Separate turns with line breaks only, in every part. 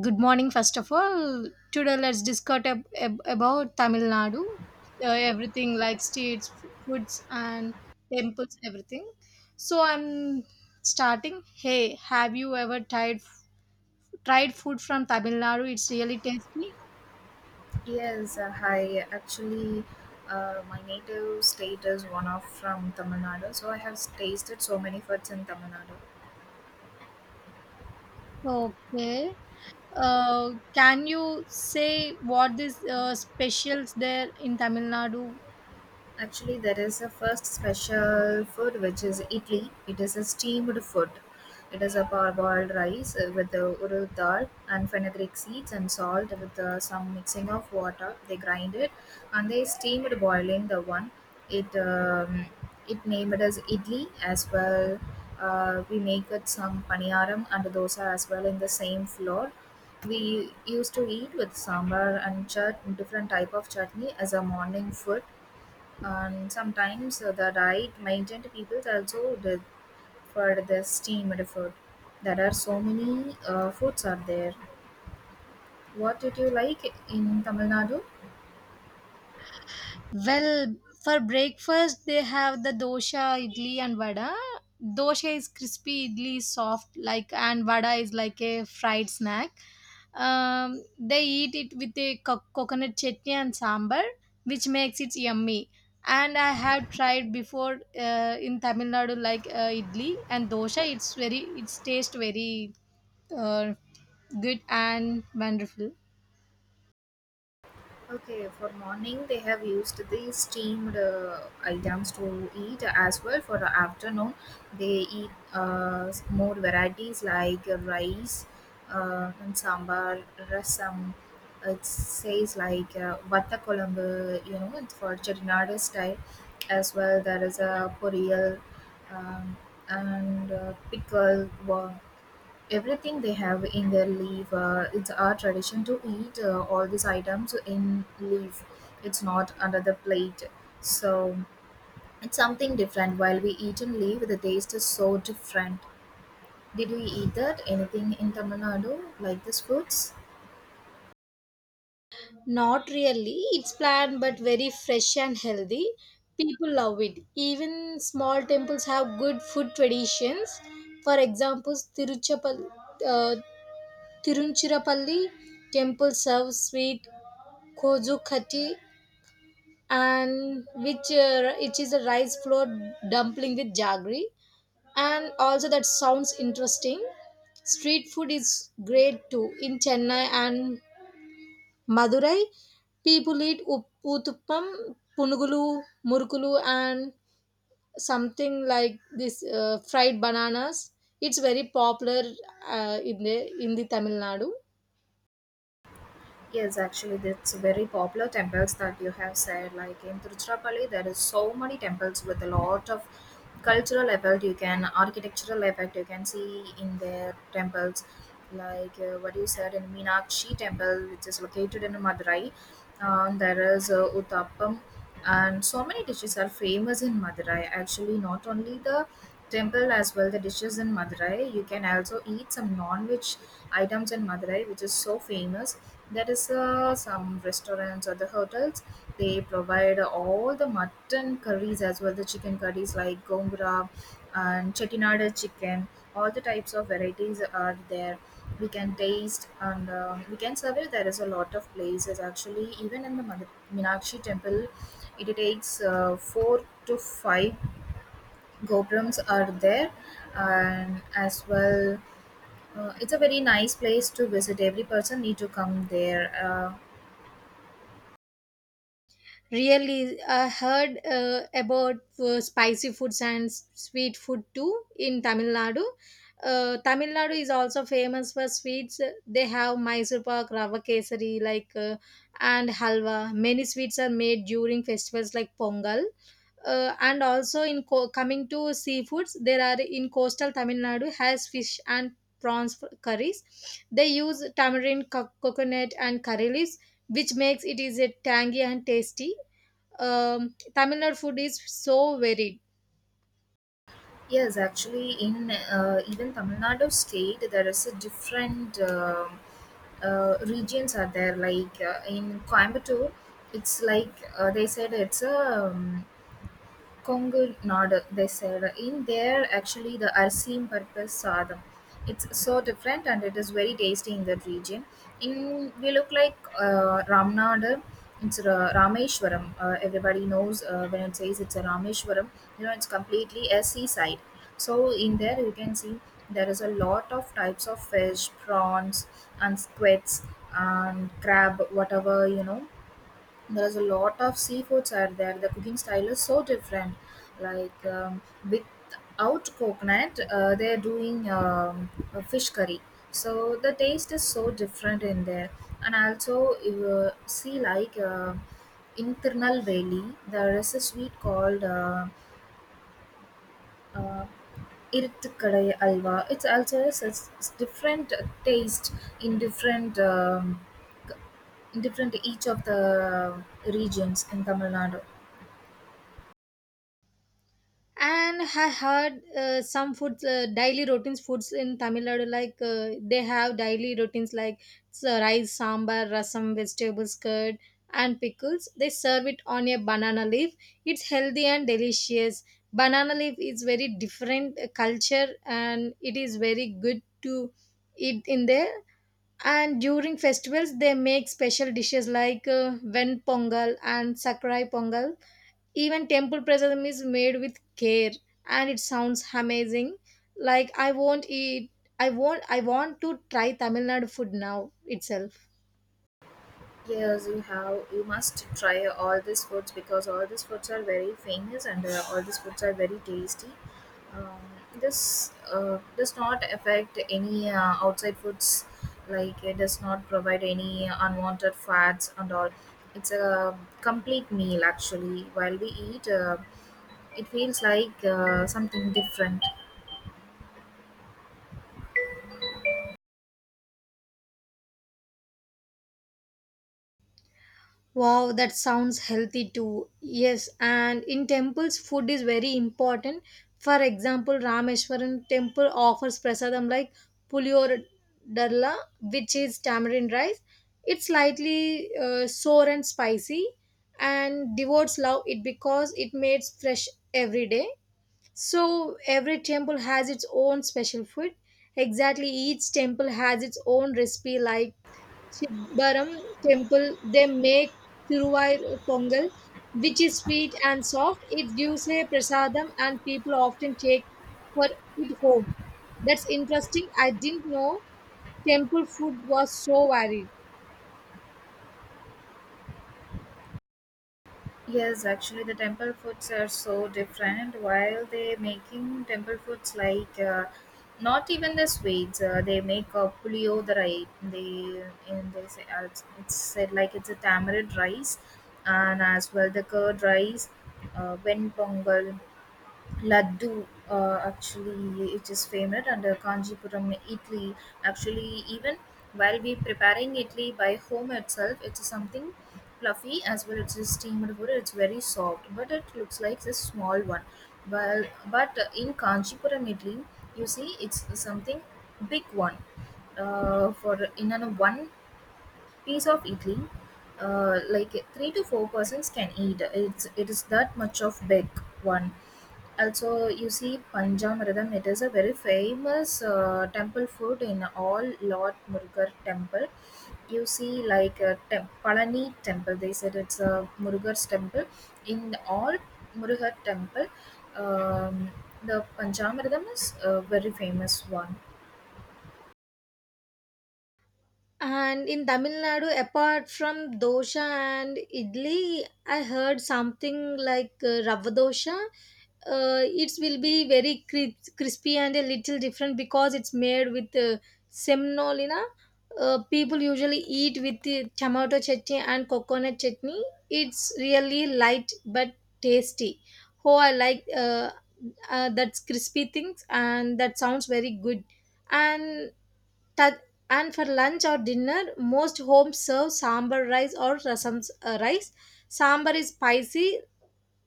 Good morning, first of all. Today, let's discuss about Tamil Nadu, everything like states, foods, and temples, everything. So, I'm starting. Hey, have you ever tried food from Tamil Nadu? It's really tasty.
Yes, hi. Actually, my native state is one of from Tamil Nadu, so I have tasted so many foods in Tamil Nadu.
Okay. Can you say what this specials there in Tamil Nadu?
Actually, there is a first special food which is idli. It is a steamed food. It is a parboiled rice with the urad dal and fenugreek seeds and salt with some mixing of water. They grind it and they steamed boiling the one. It um, it named as idli as well. We make it some paniyaram and dosa as well in the same flour. We used to eat with sambar and different type of chutney as a morning food and sometimes the diet maintained people also did for the steamed food. There are so many foods are there. What did you like in Tamil Nadu?
Well, for breakfast they have the dosha, idli, and vada. Dosha is crispy, idli is soft, like, and vada is like a fried snack. They eat it with a coconut chutney and sambar, which makes it yummy. And I have tried before in Tamil Nadu, like idli and dosha. It's taste very uh, good and wonderful.
Okay, for morning they have used the steamed items to eat as well. For the afternoon, they eat more varieties like rice and sambar, rasam. It says like vata kolambu, it's for Chettinad style. As well, there is a poriyal um, and pickle. Wow, everything they have in their leaf. It's our tradition to eat all these items in leaf. It's not under the plate. So it's something different. While we eat in leaf, the taste is so different. Did we eat that? Anything in Tamil Nadu like this foods?
Not really. It's planned but very fresh and healthy. People love it. Even small temples have good food traditions. For example, uh, Tiruchirappalli temple serves sweet kozhukati, and which is a rice flour dumpling with jaggery. And also that sounds interesting. Street food is great too in Chennai and Madurai people eat uttapam punugulu murukulu and something like this fried bananas it's very popular in the in the Tamil Nadu.
Yes, actually, that's very popular temples that you have said. Like in Tiruchirappalli, there is so many temples with a lot of cultural effect. You can architectural effect. You can see in their temples, like what you said in Meenakshi temple, which is located in Madurai. There is Uttappam, and so many dishes are famous in Madurai. Actually, not only the temple as well, the dishes in Madurai. You can also eat some non-veg items in Madurai, which is so famous. There is some restaurants or the hotels. They provide all the mutton curries as well, the chicken curries like gongura and chettinada chicken. All the types of varieties are there we can taste and we can survey there is a lot of places actually even in the meenakshi temple it takes four to five gopurams are there and as well it's a very nice place to visit every person need to come there. uh,
Really, I heard about spicy foods and sweet food too in Tamil Nadu. Tamil Nadu is also famous for sweets. They have Mysore pak, rava kesari, like, and halwa. Many sweets are made during festivals like Pongal. And also, in coming to seafoods, there are, in coastal Tamil Nadu has fish and prawns curries. They use tamarind, coconut, and curry leaves, which makes it is a tangy and tasty. Tamil Nadu food is so varied.
yes actually, in, even Tamil Nadu state there is a different regions are there like in Coimbatore, it's like they said it's a Kongu Nadu, they said. In there, actually, the Arsim purpose sadam. It's so different and it is very tasty in that region. In we look like Ramnadu, it's Rameshwaram. Everybody knows when it says it's a Rameshwaram, it's completely a seaside. So in there, you can see there is a lot of types of fish, prawns, and squids and crab, whatever there's a lot of seafoods are there. The cooking style is so different. Like without coconut, they're doing a fish curry. So the taste is so different in there. And also, you see like in Tirunelveli, there is a sweet called uh, irtukkalai alwa. It's also a different taste in different c- each of the regions in Tamil Nadu.
And I heard some foods, daily routines foods in Tamil Nadu, like they have daily routines like so rice, sambar, rasam, vegetables, curd, and pickles. They serve it on a banana leaf. It's healthy and delicious. Banana leaf is very different culture, and it is very good to eat in there. And during festivals, they make special dishes like ven pongal and sakrai pongal. Even temple prasadam is made with care, and it sounds amazing. Like, I won't eat I won't I want to try Tamil Nadu food now itself.
Yes, you have. You must try all these foods because all these foods are very famous and all these foods are very tasty. Um, this does not affect any outside foods, like it does not provide any unwanted fats and all. It's a complete meal actually. While we eat, it feels like something different.
Wow, that sounds healthy too. Yes, and in temples, food is very important. For example, Rameshwaran temple offers prasadam like puliyor darla, which is tamarind rice. It's slightly sour and spicy, and devotes love it because it made fresh every day. So every temple has its own special food. Exactly, each temple has its own recipe. Like Chidbaram temple, they make Tiruvayur pongal, which is sweet and soft. It gives a prasadam, and people often take for it home. That's interesting. I didn't know temple food was so varied.
Yes, actually, the temple foods are so different. While they making temple foods like not even the sweets, they make a puliyodar. They and they say it's said like it's a tamarind rice, and as well the curd rice, when pongal. Laddu, actually, it is famous under Kanjipuram, Italy. Actually, even while we preparing Italy by home itself, it's something fluffy as well. It's a steamed butter. It's very soft, but it looks like a small one. Well, but in Kanjipuram, Italy, you see, it's something big one. For in an one piece of idli, like three to four persons can eat. It is that much of big one. Also, you see Panjamritam. It is a very famous temple food in all Lord Murugar temple. You see, like Palani temple. They said it's a Murugar's temple. In all Murugar temple, um, the Panjamritam is a very famous one.
And in Tamil Nadu, apart from dosha and idli, I heard something like rava dosha. It will be very crispy and a little different because it's made with semnolina. People usually eat with the tomato chutney and coconut chutney. It's really light but tasty. Oh, I like that's crispy things, and that sounds very good. And Tad- and for lunch or dinner, most homes serve sambar rice or rasam rice. Sambar is spicy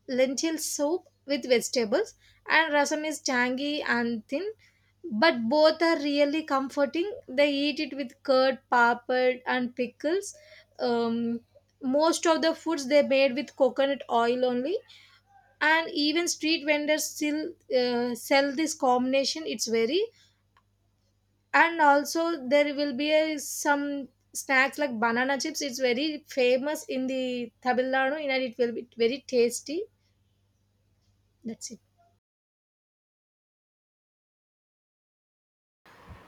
lentil soup with vegetables, and rasam is tangy and thin. But both are really comforting. They eat it with curd, papad, and pickles. Um, most of the foods they made with coconut oil only, and even street vendors still sell this combination. It's very. And also there will be some snacks like banana chips. It's very famous in the Tamil Nadu and it will be very tasty. That's it.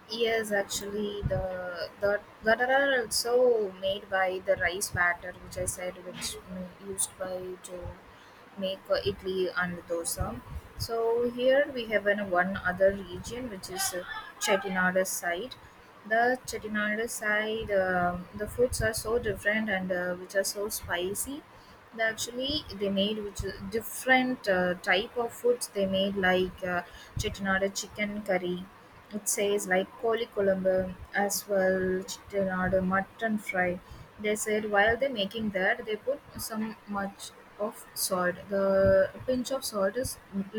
Yes, actually, the that are also made by the rice batter, which I said, which used by to make idli and dosa. So here we have an one other region, which is Chettinad side. The Chettinad side, the foods are so different and which are so spicy. They actually they made which is different type of foods they made like chettinada chicken curry. It says like koli kolombo, as well chettinada mutton fry. They said while they're making that they put some much of salt. The pinch of salt is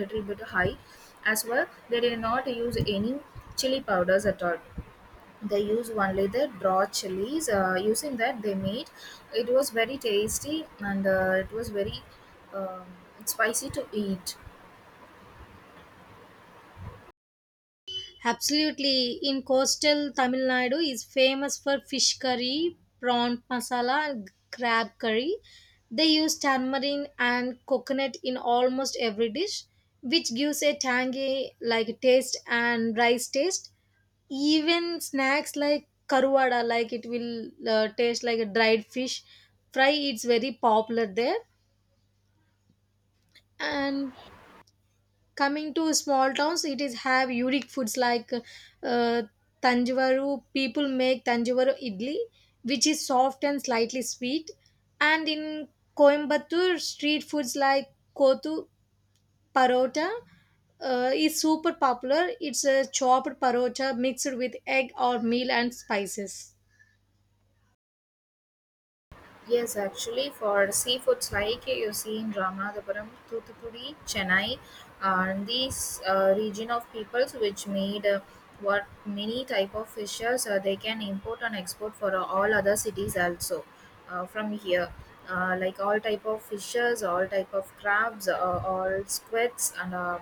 little bit high. As well they did not use any chili powders at all. They use only the raw chilies, using that they made. It was very tasty and it was very um, spicy to eat.
Absolutely. In coastal Tamil Nadu is famous for fish curry, prawn masala, and crab curry. They use tamarind and coconut in almost every dish, which gives a tangy like taste and rice taste. Even snacks like karuada, like it will taste like a dried fish fry. It's very popular there. And coming to small towns, it is have unique foods like uh, Tanjavaru. People make Tanjavaru idli, which is soft and slightly sweet. And in Coimbatore, street foods like Kotu parota is super popular. It's a chopped parota mixed with egg or meal and spices.
Yes, actually, for seafoods like you see in Ramanathapuram, Thuthukudi, Chennai, and these region of peoples which made what many type of fishes they can import and export for all other cities also from here. Like all type of fishes, all type of crabs, all squids, and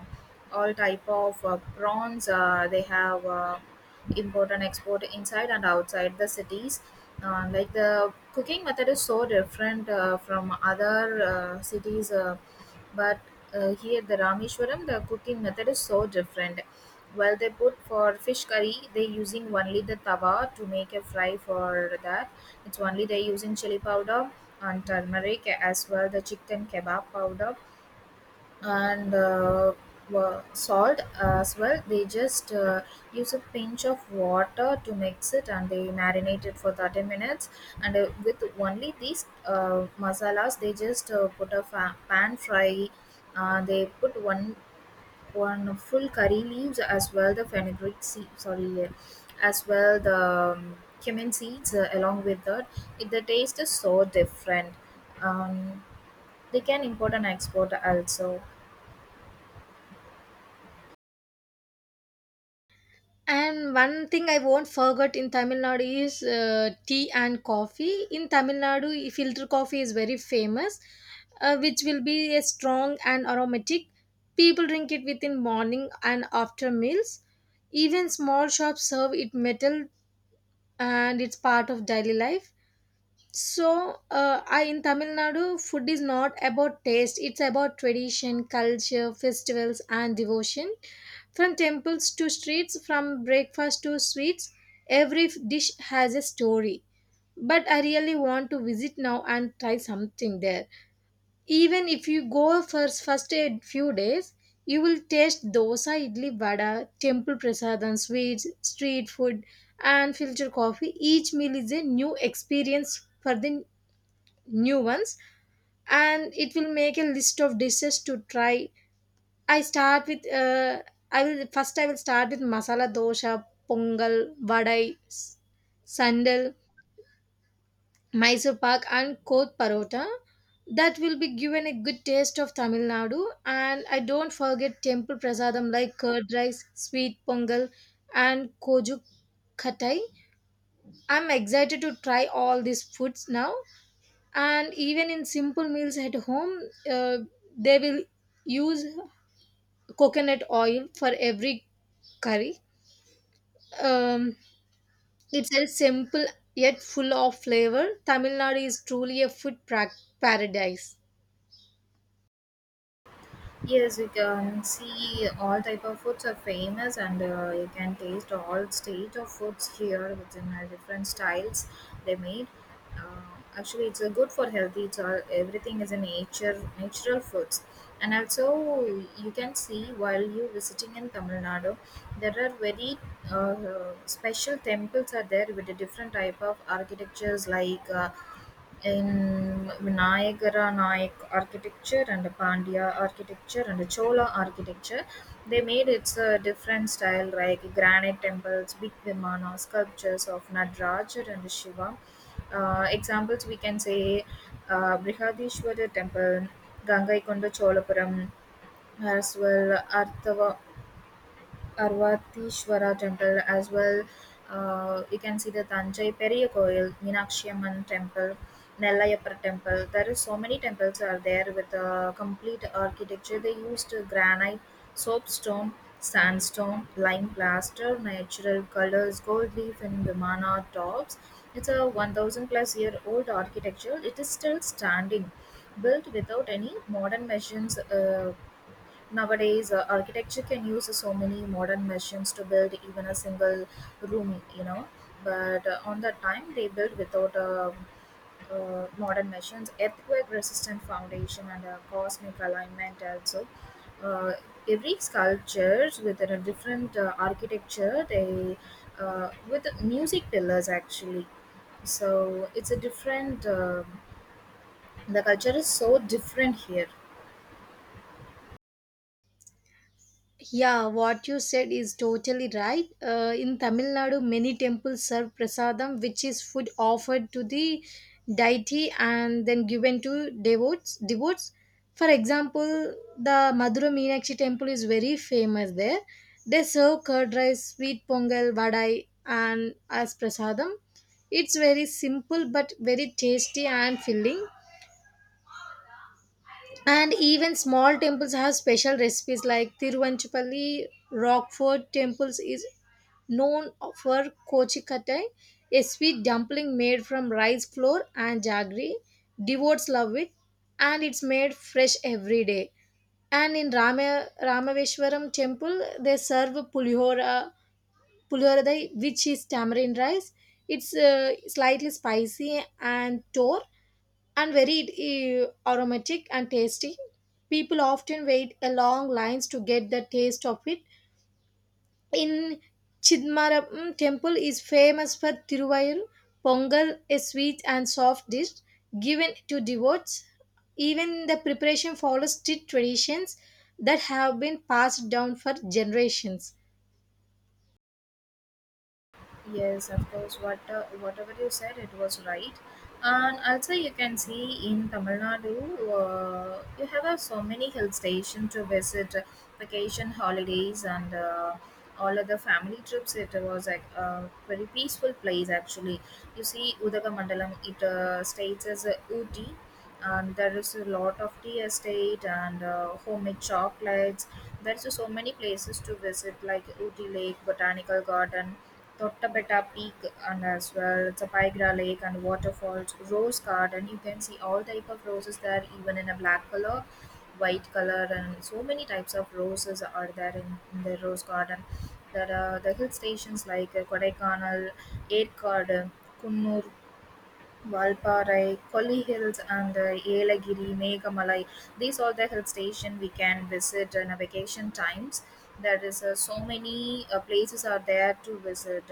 all type of prawns. They have. Import and export inside and outside the cities. Like the cooking method is so different from other cities, but here the Rameshwaram, the cooking method is so different. While they put for fish curry, they using only the tawa to make a fry for that. It's only they using chili powder and turmeric as well the chicken kebab powder and salt as well. They just use a pinch of water to mix it and they marinate it for 30 minutes. And with only these masalas, they just put a pan fry. They put one full curry leaves as well the fenugreek seed, sorry, as well the cumin seeds along with that. It, the taste is so different. Um, they can import and export also.
And one thing I won't forget in Tamil Nadu is tea and coffee. In Tamil Nadu, filter coffee is very famous, which will be a strong and aromatic. People drink it within morning and after meals. Even small shops serve it metal, and it's part of daily life. So, I in Tamil Nadu, food is not about taste, it's about tradition, culture, festivals, and devotion. From temples to streets, from breakfast to sweets, every dish has a story. But I really want to visit now and try something there. Even if you go for first a few days, you will taste dosa, idli, vada, temple prasadam, sweets, street food, and filter coffee. Each meal is a new experience for the new ones, and it will make a list of dishes to try. i start with uh, I will start with masala dosha, pongal, vadai, sandal, Mysore pak, and koth parota. That will be given a good taste of Tamil Nadu. And I don't forget temple prasadam like curd rice, sweet pongal, and koju khatai. I'm excited to try all these foods now. And even in simple meals at home, uh, they will use coconut oil for every curry. Um, it's a simple yet full of flavor. Tamil Nadu is truly a food paradise.
Yes, you can see all type of foods are famous, and you can taste all stage of foods here within different styles they made. Uh, actually, it's good for healthy. It's all everything is a nature natural foods, and also you can see while you visiting in Tamil Nadu, there are very special temples are there with a different type of architectures like. In Vinayagara Naik architecture and Pandya architecture and Chola architecture. They made its a different style like granite temples, big Vimana, sculptures of Nadraj and Shiva. Examples we can say Brihadishwara temple, Gangaikonda Cholapuram, as well Arthava Arvateshvara temple as well. You can see the Tanjai Periya Koil, Meenakshi Amman temple, Nellayapar temple. There is so many temples are there with a complete architecture. They used granite, soapstone, sandstone, lime plaster, natural colors, gold leaf, and Vimana tops. It's a 1000 plus year old architecture. It is still standing, built without any modern machines. Nowadays architecture can use so many modern machines to build even a single room. But on that time, they built without modern machines, earthquake resistant foundation, and a cosmic alignment also. Uh, every sculptures with a different architecture, they with music pillars actually. So it's a different. The culture is so different here.
Yeah, what you said is totally right. In Tamil Nadu, many temples serve prasadam, which is food offered to the deity and then given to devotes. Devotes, for example, the Madura Meenakshi temple is very famous there. They serve curd rice, sweet pongal, vadai, and as prasadam. It's very simple but very tasty and filling. And even small temples have special recipes like Tiruvanchapalli Rockford temples is known for Kochikattai, a sweet dumpling made from rice flour and jaggery. Devotes love it and it's made fresh every day. And in Ramaveshwaram temple, they serve pulihoradai, which is tamarind rice. It's slightly spicy and tore and very aromatic and tasty. People often wait a long lines to get the taste of it. In Chidmaram temple is famous for Tiruvayur Pongal, a sweet and soft dish given to devotees. Even the preparation follows strict traditions that have been passed down for generations.
Yes, of course. What whatever you said, it was right. And also, you can see in Tamil Nadu, you have so many hill stations to visit, vacation holidays, and all other family trips. It was like a very peaceful place actually. You see, Udagamandalam, it states as Ooty, and there is a lot of tea estate and homemade chocolates. There's so many places to visit, like Ooty Lake Botanical Garden, Tottapetta Peak, and as well Tapagra Lake and waterfalls, rose garden. You can see all type of roses there, even in a black color, white color, and so many types of roses are there in, the rose garden. There are the hill stations like Kodaikanal, Erkad, Kunnur, Valparai, Kolli Hills and Yelagiri, Meghamalai. These are the hill station we can visit in a vacation times. There is so many places are there to visit.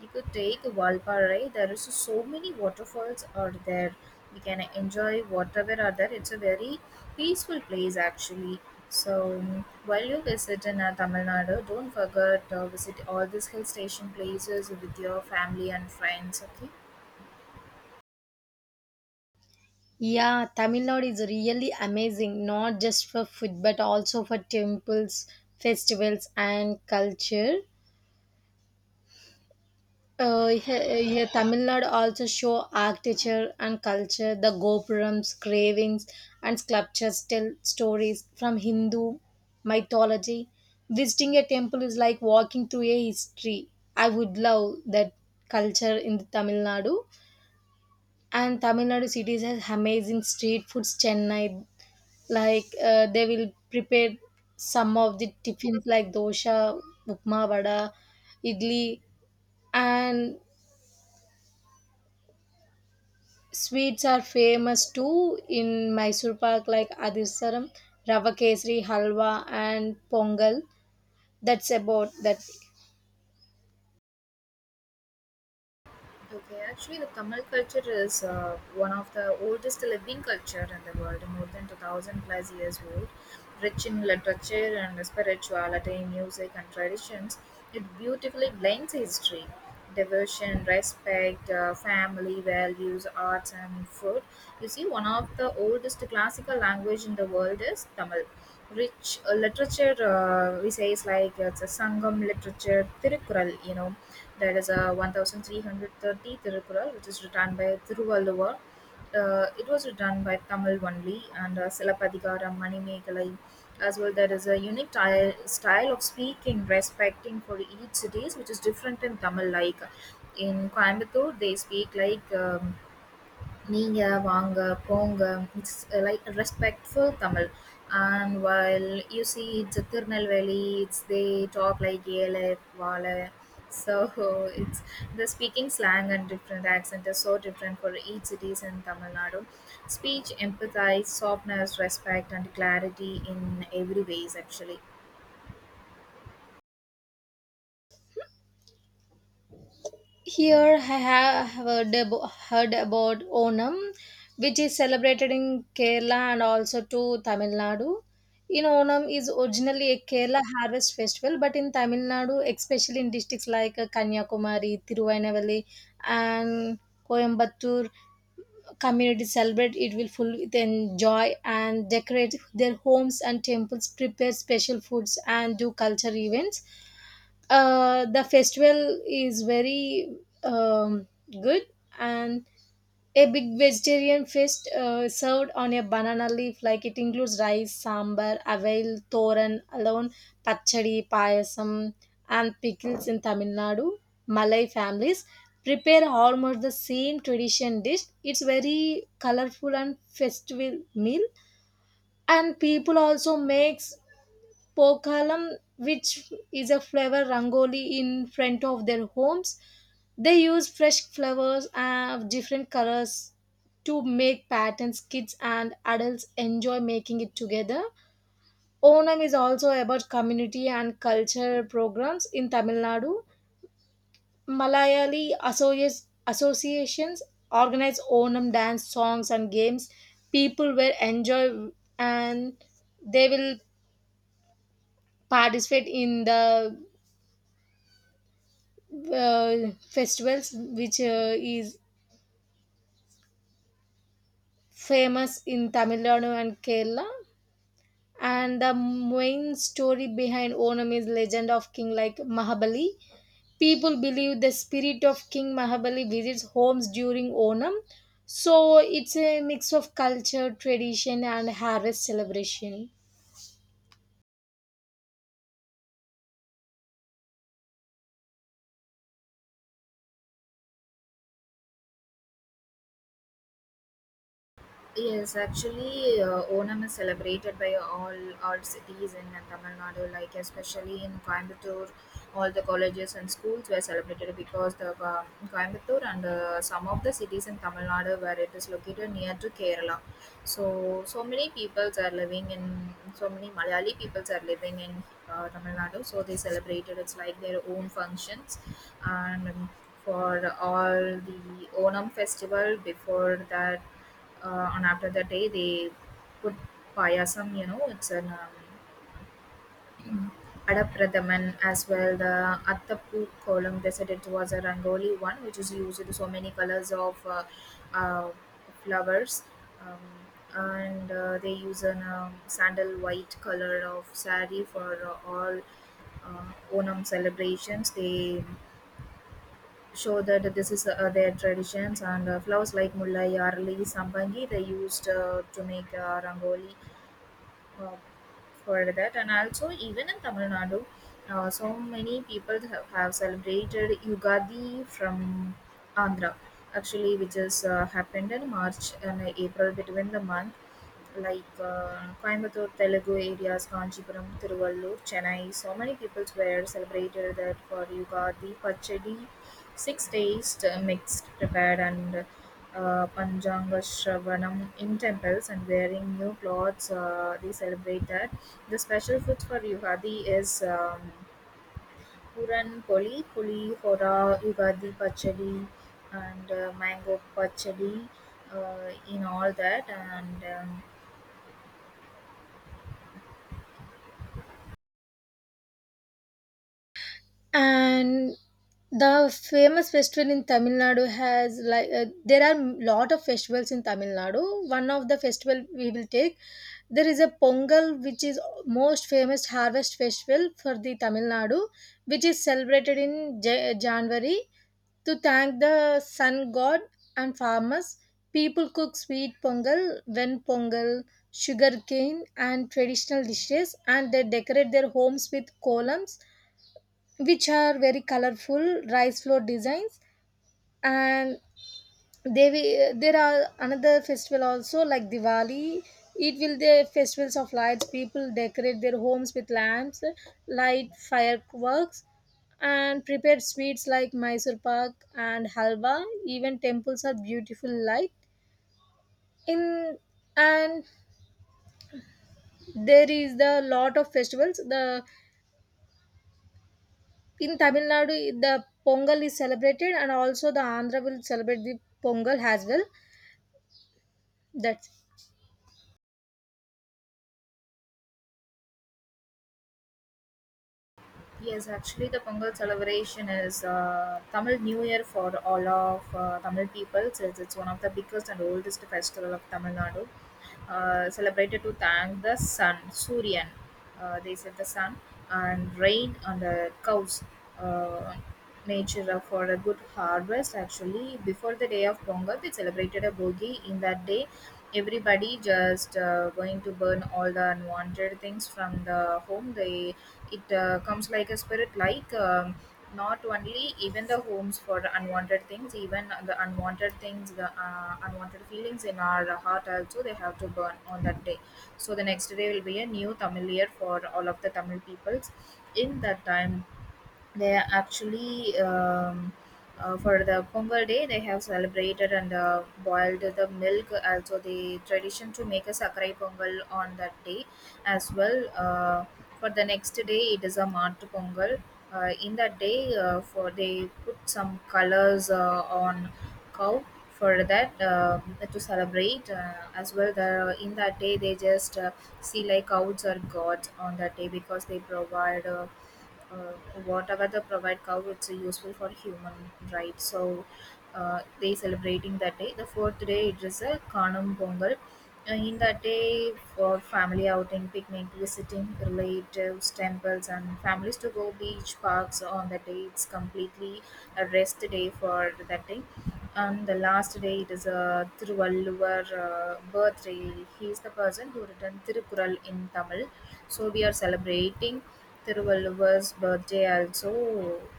You could take Valparai. There is so many waterfalls are there. We can enjoy whatever are there. It's a very peaceful place actually. While you visit in Tamil Nadu, don't forget visit all these hill station places with your family and friends. Okay.
Yeah, Tamil Nadu is really amazing, not just for food but also for temples, festivals, and culture. Here Tamil Nadu also show architecture and culture. The gopurams, carvings, and sculptures tell stories from Hindu mythology. Visiting a temple is like walking through a history. I would love that culture in the Tamil Nadu. And Tamil Nadu cities has amazing street foods. Chennai, like they will prepare some of the tiffins like dosha, upma, vada, idli, and sweets are famous too in Mysore Pak, like Adisaram, Rava Kesari, Halwa, and Pongal. That's about that.
Okay, actually, the Tamil culture is one of the oldest living culture in the world, more than 2000 plus years old. Rich in literature and spirituality, music and traditions, it beautifully blends history, devotion, respect, family values, arts and food. You see, one of the oldest classical language in the world is Tamil. Rich literature, we say, is like it's a Sangam literature, Tirukural, you know that is a 1330 Tirukkural, which is written by Thiruvalluvar. It was written by Tamil only, and Silapadigara Manimegalai. As well, there is a style of speaking, respecting for each cities, which is different in Tamil. Like in Coimbatore, they speak like நீங்க, வாங்க, போங்க. It's like respectful Tamil. And while you see it's a Tirunelveli, it's they talk like Yele, Vale. So it's the speaking slang and different accent is so different for each cities in Tamil Nadu. Speech, empathize, softness, respect, and clarity in every ways actually.
Here I have heard heard about Onam, which is celebrated in Kerala and also to Tamil Nadu. In Onam is originally a Kerala harvest festival, but in Tamil Nadu, especially in districts like Kanyakumari, Tiruvannamalai, and Coimbatore, community celebrate it will full with enjoy and decorate their homes and temples, prepare special foods, and do culture events. The festival is very um, good, and a big vegetarian feast served on a banana leaf, like it includes rice, sambar, avail, thoran, alone, pachadi, payasam, and pickles in Tamil Nadu. Malay families prepare almost the same tradition dish. It's very colorful and festival meal, and people also makes Pokalam, which is a flower rangoli in front of their homes. They use fresh flowers of different colors to make patterns. Kids and adults enjoy making it together. Onam is also about community and culture programs in Tamil Nadu. Malayali associations organize Onam dance, songs, and games. People will enjoy and they will participate in the festivals which is famous in Tamil Nadu and Kerala. And the main story behind Onam is legend of King like Mahabali. People believe the spirit of King Mahabali visits homes during Onam. So it's a mix of culture, tradition, and harvest celebration.
Yes, actually, Onam is celebrated by all cities in Tamil Nadu, like especially in Coimbatore, all the colleges and schools were celebrated because the Coimbatore and some of the cities in Tamil Nadu where it is located near to Kerala. So, so many peoples are living in so many Malayali peoples are living in Tamil Nadu. So they celebrated it's like their own functions and for all the Onam festival before that on after that day they put payasam, you know, it's an adapradaman as well the attapu column, they said it was a rangoli one which is used with so many colors of uh, flowers, um, and they use an sandal white color of sari for all uh, Onam celebrations. They show that this is their traditions and flowers like mulla, yarli, sambangi they used to make rangoli uh, for that. And also even in Tamil Nadu, so many people have celebrated Yugadi from Andhra actually, which is happened in March and April between the month, like Coimbatore Telugu areas, Kanchipuram, Tiruvallur, Chennai. So many people were celebrated that for Yugadi Pachadi. 6 days mixed, prepared, and Panchanga Shravanam in temples and wearing new clothes, they celebrate that. The special food for Yugadi is Puran Poli, Puli Hora, Yugadi Pachadi, and Mango Pachadi, in all that. And
And the famous festival in Tamil Nadu has, like, there are lot of festivals in Tamil Nadu. One of the festival we will take, there is a Pongal, which is most famous harvest festival for the Tamil Nadu, which is celebrated in January to thank the sun god and farmers. People cook sweet pongal, when pongal, sugarcane, and traditional dishes, and they decorate their homes with columns, which are very colorful rice floor designs. And there are another festival also like Diwali. It will the festivals of lights. People decorate their homes with lamps, light fireworks, and prepare sweets like Mysore pak and halwa. Even temples are beautiful light in. And there is the lot of festivals. The In Tamil Nadu, the Pongal is celebrated, and also the Andhra will celebrate the Pongal as well. That's.
Yes, actually, the Pongal celebration is Tamil New Year for all of Tamil people. Since it's one of the biggest and oldest festival of Tamil Nadu, celebrated to thank the sun, Suryan. They said the sun and rain on the cows. Uh, Nature for a good harvest. Actually before the day of Pongal they celebrated a Bogi. In that day everybody just going to burn all the unwanted things from the home. They, it comes like a spirit, like not only even the homes for unwanted things, even the unwanted things, the unwanted feelings in our heart also they have to burn on that day. So the next day will be a new Tamil year for all of the Tamil peoples. In that time they are actually, for the Pongal day they have celebrated and boiled the milk. Also the tradition to make a Sakarai Pongal on that day. As well for the next day it is a Mart Pongal. In that day for they put some colors on cow for that to celebrate as well the, in that day they just see like cows are gods on that day because they provide uh, whatever they provide cow it's useful for human, right? So they celebrating that day. The fourth day it is a Kanam Pongal. In that day for family outing, picnic, visiting relatives, temples, and families to go beach, parks. On that day it's completely a rest day for that day. And the last day it is a Thiruvalluvar birthday. He is the person who written Tirukural in Tamil, so we are celebrating Thiruvalluvar's birthday also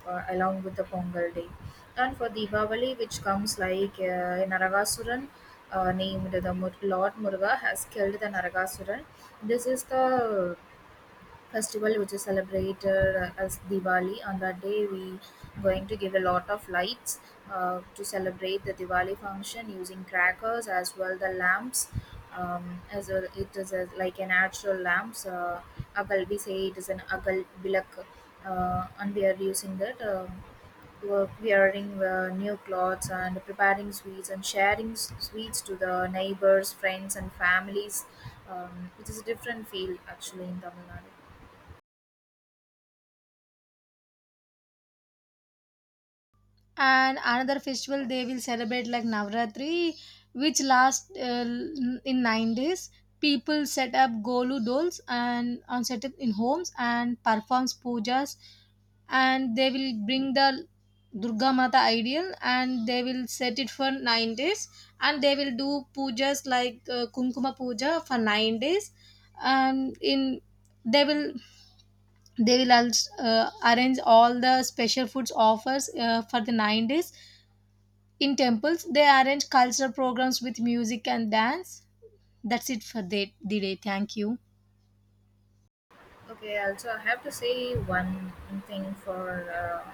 along with the Pongal day. And for Diwali, which comes like Naragasuran, named the Lord Muruga has killed the Naragasuran. This is the festival which is celebrated as Diwali. On that day, we going to give a lot of lights to celebrate the Diwali function using crackers as well the lamps. As well, it is a, like a natural lamps. Agal, we say it is an agal bilak, and we are using that. Were wearing new clothes and preparing sweets and sharing sweets to the neighbors, friends, and families. It is a different feel actually in Tamil Nadu.
And another festival they will celebrate like navratri, which lasts in 9 days. People set up golu dolls and set up in homes and performs pujas. And they will bring the durga mata ideal, and they will set it for 9 days. And they will do pujas like kunkuma puja for 9 days. And in they will they will also, arrange all the special foods offers for the 9 days. In temples, they arrange cultural programs with music and dance. That's it for the day. Thank you.
Okay, also I have to say one thing for uh,